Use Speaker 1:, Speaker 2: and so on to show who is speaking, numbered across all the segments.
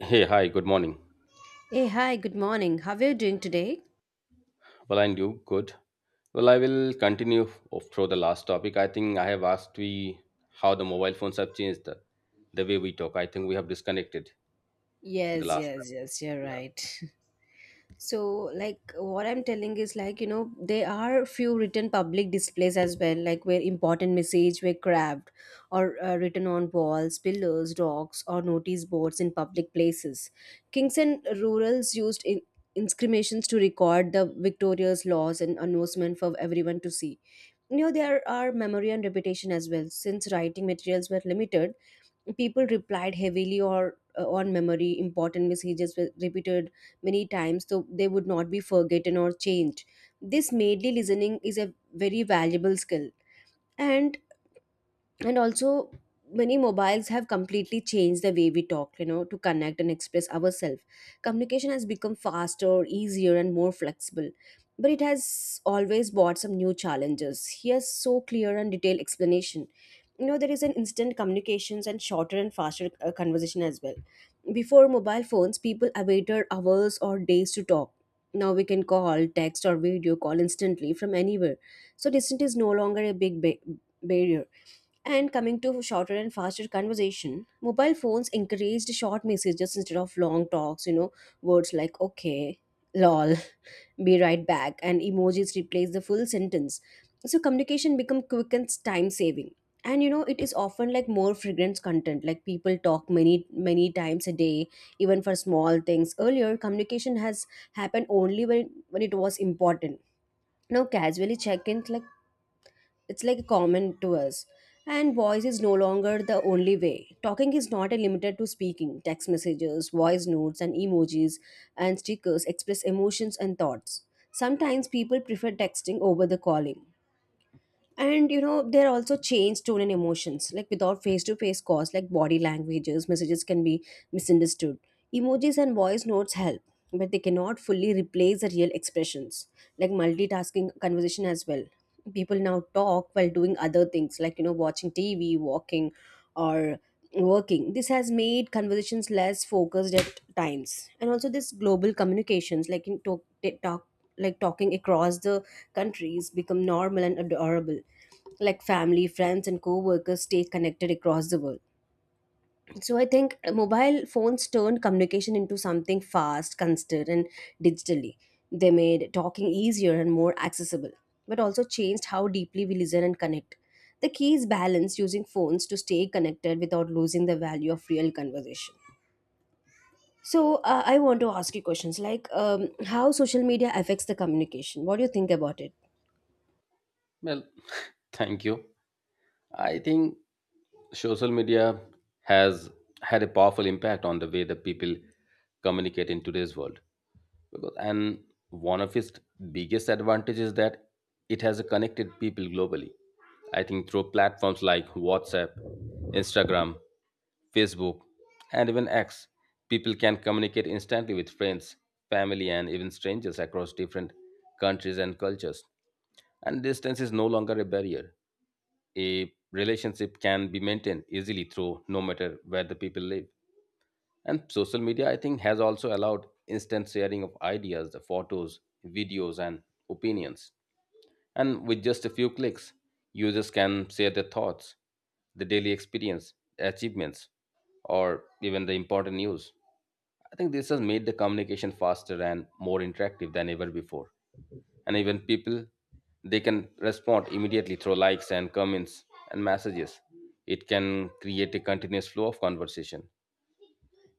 Speaker 1: Hey, hi, good morning.
Speaker 2: Hey, hi, good morning. How are you doing today?
Speaker 1: Well, and you? Good. Well, I will continue through the last topic. I think I have asked we how the mobile phones have changed the way we talk. I think we have disconnected in the
Speaker 2: Yes,
Speaker 1: last.
Speaker 2: yes,
Speaker 1: time.
Speaker 2: yes, you're
Speaker 1: Yeah.
Speaker 2: right. So, what I'm telling is, there are few written public displays as well, like where important message were carved or written on walls, pillars, rocks, or notice boards in public places. Kings and rurals used in inscriptions to record the victorious laws and announcement for everyone to see. You know, there are memory and reputation as well. Since writing materials were limited, people replied heavily or on memory, important messages were repeated many times so they would not be forgotten or changed. This medley listening is a very valuable skill. And and also, many mobiles have completely changed the way we talk, you know, to connect and express ourselves. Communication has become faster, easier, and more flexible, but it has always brought some new challenges. Here's so clear and detailed explanation. You know, there is an instant communications and shorter and faster conversation as well. Before mobile phones, people awaited hours or days to talk. Now we can call, text, or video call instantly from anywhere, so distance is no longer a big barrier. And coming to shorter and faster conversation, mobile phones encouraged short messages instead of long talks, you know, words like okay, lol, be right back, and emojis replace the full sentence. So communication become quick and time saving. And you know, it is often like more fragrant content, like people talk many, many times a day, even for small things. Earlier, communication has happened only when it was important. Now, casually check ins, like it's like common to us. And voice is no longer the only way. Talking is not a limited to speaking. Text messages, voice notes, and emojis and stickers express emotions and thoughts. Sometimes people prefer texting over the calling. And you know, they're also changed tone and emotions, like without face-to-face calls, like body languages, messages can be misunderstood. Emojis and voice notes help, but they cannot fully replace the real expressions. Like multitasking conversation as well, people now talk while doing other things, like you know, watching TV, walking, or working. This has made conversations less focused at times. And also this global communications, like in talk like talking across the countries become normal and adorable, like family, friends, and co-workers stay connected across the world. So I think mobile phones turned communication into something fast, constant, and digitally. They made talking easier and more accessible, but also changed how deeply we listen and connect. The key is balance, using phones to stay connected without losing the value of real conversation. So I want to ask you questions like how social media affects the communication. What do you think about it?
Speaker 1: Well, thank you. I think social media has had a powerful impact on the way that people communicate in today's world. And one of its biggest advantages is that it has connected people globally. I think through platforms like WhatsApp, Instagram, Facebook, and even X, people can communicate instantly with friends, family, and even strangers across different countries and cultures. And distance is no longer a barrier. A relationship can be maintained easily through no matter where the people live. And social media, I think, has also allowed instant sharing of ideas, the photos, videos, and opinions. And with just a few clicks, users can share their thoughts, the daily experience, achievements, or even the important news. I think this has made the communication faster and more interactive than ever before. And even people, they can respond immediately through likes and comments and messages. It can create a continuous flow of conversation.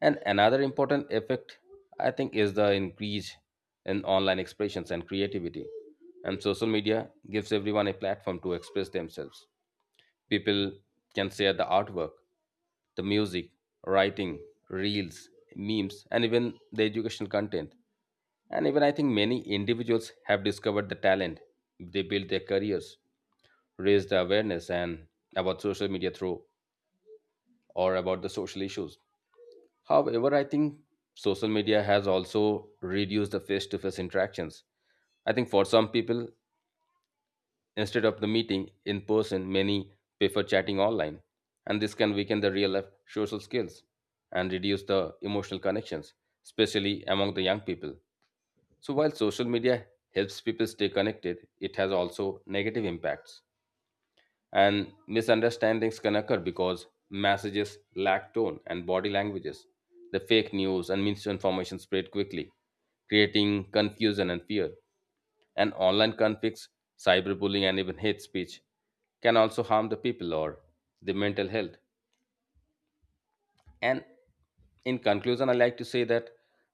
Speaker 1: And another important effect, I think, is the increase in online expressions and creativity. And social media gives everyone a platform to express themselves. People can share the artwork, the music, writing, reels, memes, and even the educational content. And even, I think, many individuals have discovered the talent. They build their careers, raise the awareness and about social media through or about the social issues. However, I think social media has also reduced the face-to-face interactions. I think for some people, instead of the meeting in person, many prefer chatting online, and this can weaken the real life social skills and reduce the emotional connections, especially among the young people. So while social media helps people stay connected, it has also negative impacts, and misunderstandings can occur because messages lack tone and body languages. The fake news and misinformation spread quickly, creating confusion and fear. And online conflicts, cyberbullying, and even hate speech can also harm the people or the mental health. And in conclusion, I like to say that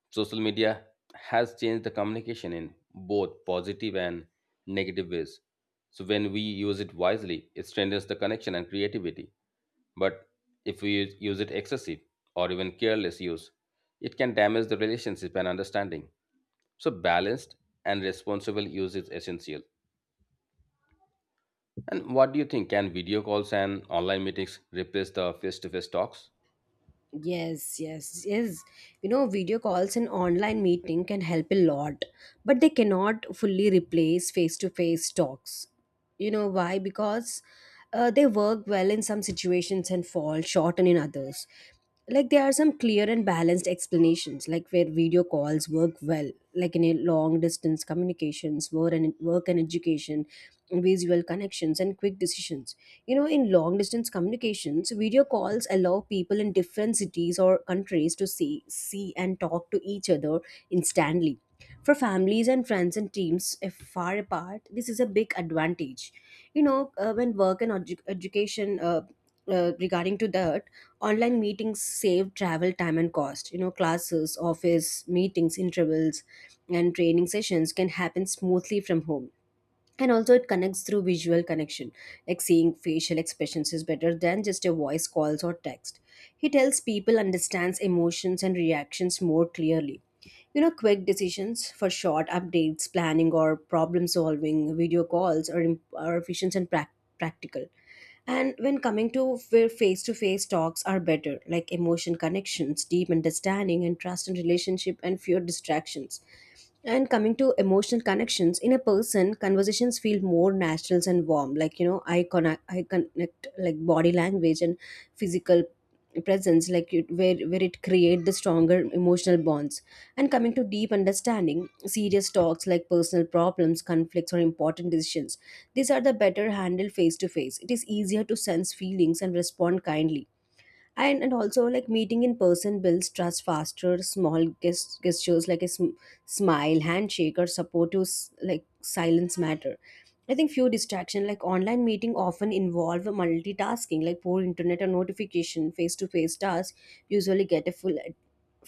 Speaker 1: social media has changed the communication in both positive and negative ways. So when we use it wisely, it strengthens the connection and creativity. But if we use it excessive or even careless use, it can damage the relationship and understanding. So balanced and responsible use is essential. And what do you think? Can video calls and online meetings replace the face-to-face talks?
Speaker 2: Yes, yes, yes. You know, video calls and online meeting can help a lot, but they cannot fully replace face to face talks. You know why? Because they work well in some situations and fall short in others. Like, there are some clear and balanced explanations situations like where video calls work well, like in a long distance communications, work and education, visual connections, and quick decisions. You know, in long distance communications, video calls allow people in different cities or countries to see and talk to each other instantly. For families and friends and teams if far apart, this is a big advantage. You know when work and education, regarding to that, online meetings save travel time and cost. You know, classes, office, meetings, intervals, and training sessions can happen smoothly from home. And also it connects through visual connection, like seeing facial expressions is better than just a voice calls or text. He tells people understands emotions and reactions more clearly. You know, quick decisions for short updates, planning, or problem solving, video calls are, are efficient and practical. And when coming to where face to face talks are better, like emotion connections, deep understanding, and trust in relationship and fewer distractions. And coming to emotional connections, in a person, conversations feel more natural and warm. Like, you know, I connect like body language and physical presence, like it, where it create the stronger emotional bonds. And coming to deep understanding, serious talks like personal problems, conflicts, or important decisions, these are the better handled face to face. It is easier to sense feelings and respond kindly. And also, like meeting in person builds trust faster. Small gestures like a smile, handshake, or supportive like silence matter. I think few distraction, like online meeting often involve multitasking, like poor internet or notification. Face to face tasks usually get a full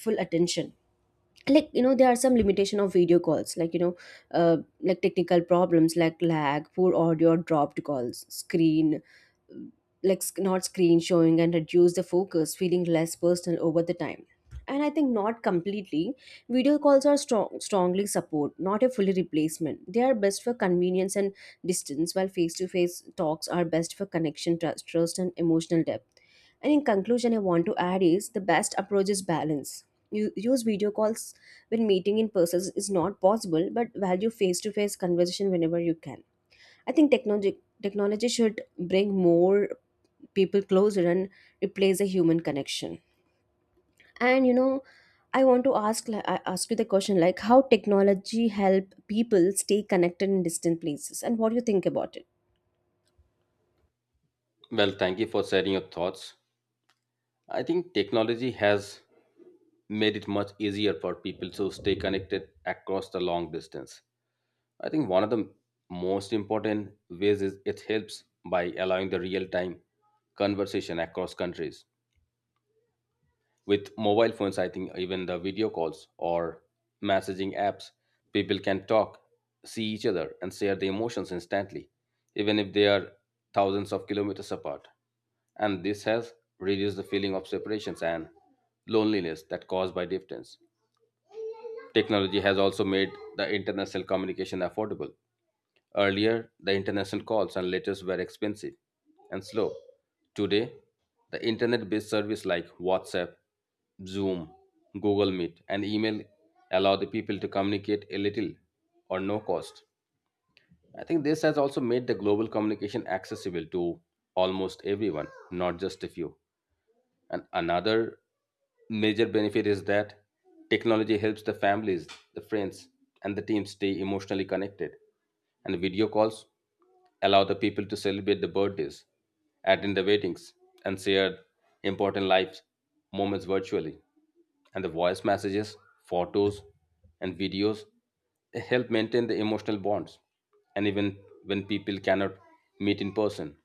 Speaker 2: full attention. Like you know, there are some limitation of video calls, like you know, like technical problems like lag, poor audio, dropped calls, screen, like not screen showing, and reduce the focus, feeling less personal over the time. And I think not completely. Video calls are strongly support, not a fully replacement. They are best for convenience and distance, while face-to-face talks are best for connection, trust and emotional depth. And in conclusion, I want to add is the best approach is balance. You use video calls when meeting in person is not possible, but value face-to-face conversation whenever you can. I think technology should bring more people closer and replace the human connection. And you know, I want to I ask you the question like how technology help people stay connected in distant places, and what do you think about it?
Speaker 1: Well, thank you for sharing your thoughts. I think technology has made it much easier for people to stay connected across the long distance. I think one of the most important ways is it helps by allowing the real-time conversation across countries. With mobile phones, I think, even the video calls or messaging apps, people can talk, see each other, and share their emotions instantly, even if they are thousands of kilometers apart. And this has reduced the feeling of separations and loneliness that caused by distance. Technology has also made the international communication affordable. Earlier, the international calls and letters were expensive and slow. Today, the internet based service like WhatsApp, Zoom, Google Meet, and email allow the people to communicate a little or no cost. I think this has also made the global communication accessible to almost everyone, not just a few. And another major benefit is that technology helps the families, the friends, and the team stay emotionally connected. And video calls allow the people to celebrate the birthdays, attend the weddings, and share important life moments virtually. And the voice messages, photos, and videos help maintain the emotional bonds. And even when people cannot meet in person.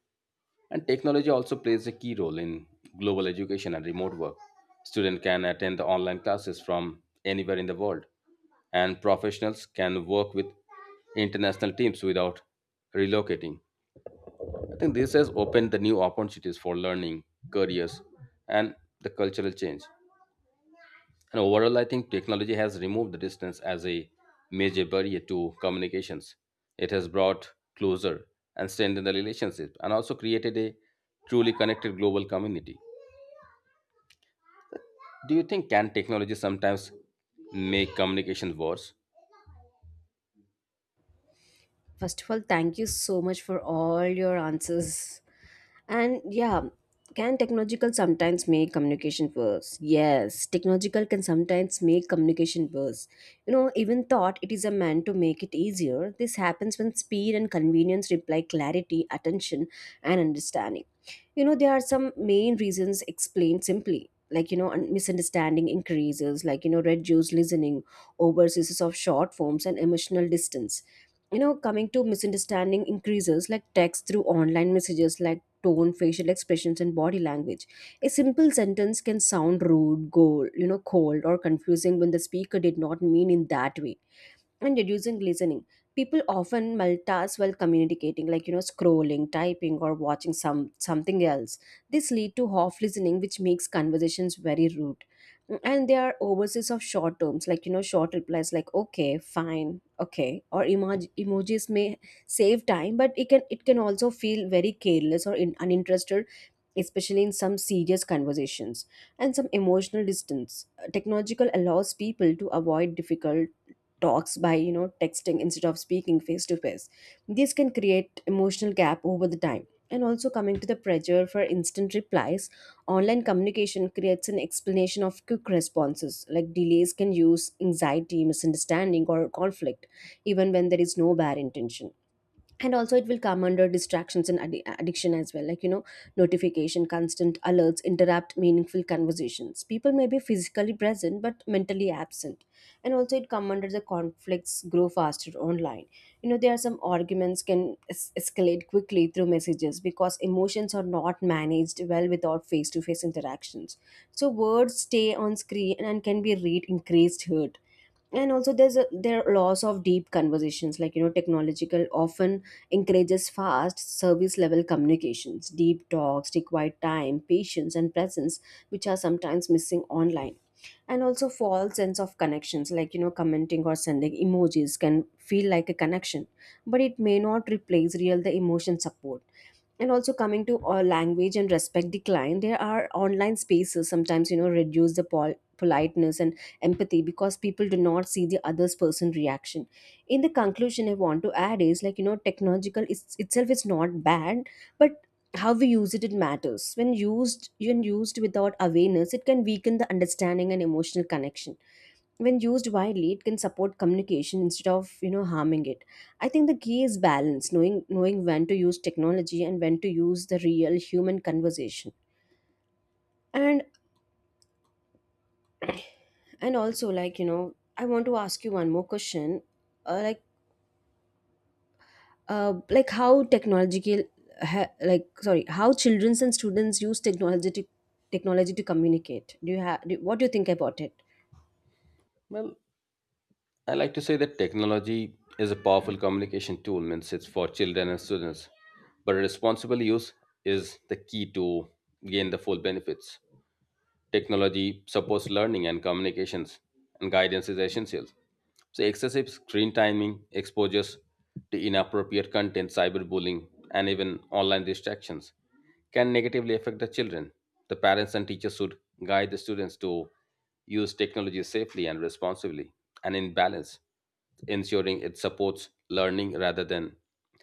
Speaker 1: And technology also plays a key role in global education and remote work. Students can attend the online classes from anywhere in the world, and professionals can work with international teams without relocating. I think this has opened the new opportunities for learning, careers, and the cultural change. And overall, I think technology has removed the distance as a major barrier to communications. It has brought closer and strengthened the relationship and also created a truly connected global community. Do you think can technology sometimes make communication worse?
Speaker 2: First of all, thank you so much for all your answers. And yeah, can technological sometimes make communication worse? Yes, technological can sometimes make communication worse. You know, even thought it is a man to make it easier. This happens when speed and convenience reply clarity, attention, and understanding. You know, there are some main reasons explained simply. Like, you know, misunderstanding increases, like, you know, reduced listening, over of short forms, and emotional distance. You know, coming to misunderstanding increases, like text through online messages, like tone, facial expressions, and body language, a simple sentence can sound rude, gold, you know, cold or confusing when the speaker did not mean in that way. And reducing listening, people often multitask while communicating, like you know, scrolling, typing, or watching something else. This lead to half listening, which makes conversations very rude. Mm, and there are overseas of short terms, like you know, short replies like okay, fine, okay, or emojis may save time, but it can also feel very careless or uninterested, especially in some serious conversations, and some emotional distance. Technological allows people to avoid difficult talks by, you know, texting instead of speaking face to face. This can create emotional gap over the time. And also coming to the pressure for instant replies, online communication creates an explanation of quick responses. Like delays can use anxiety, misunderstanding, or conflict, even when there is no bad intention. And also it will come under distractions and addiction as well, like you know, notification, constant alerts interrupt meaningful conversations. People may be physically present but mentally absent. And also it come under the conflicts grow faster online. You know, there are some arguments can escalate quickly through messages because emotions are not managed well without face to face interactions. So words stay on screen and can be read increased hurt. And also there are loss of deep conversations, like you know, technological often encourages fast service level communications. Deep talks require time, patience, and presence, which are sometimes missing online. And also false sense of connections, like you know, commenting or sending emojis can feel like a connection, but it may not replace real the emotion support. And also coming to language and respect decline, there are online spaces sometimes, you know, reduce the politeness and empathy because people do not see the other's person reaction. In the conclusion, I want to add is, like you know, technological itself is not bad, but how we use it, it matters. When used without awareness, it can weaken the understanding and emotional connection. When used widely, it can support communication instead of, you know, harming it. I think the key is balance, knowing when to use technology and when to use the real human conversation. And and also, like you know, I want to ask you one more question, uh, like like how technological like, sorry, how children and students use technology to communicate. Do you have what do you think about it?
Speaker 1: Well, I like to say that technology is a powerful communication tool, means it's for children and students. But responsible use is the key to gain the full benefits. Technology supports learning and communications, and guidance is essential. So, excessive screen timing, exposures to inappropriate content, cyberbullying, and even online distractions can negatively affect the children. The parents and teachers should guide the students to use technology safely and responsibly and in balance, ensuring it supports learning rather than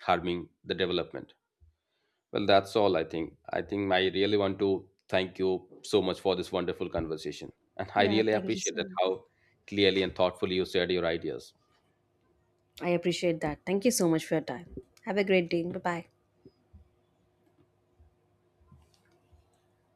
Speaker 1: harming the development. Well, that's all I think. I think I really want to thank you so much for this wonderful conversation. And I
Speaker 2: Yeah,
Speaker 1: really
Speaker 2: thank you
Speaker 1: appreciate
Speaker 2: so
Speaker 1: that
Speaker 2: much.
Speaker 1: how clearly and thoughtfully you shared your ideas.
Speaker 2: I appreciate that. Thank you so much for your time. Have a great day. Bye bye.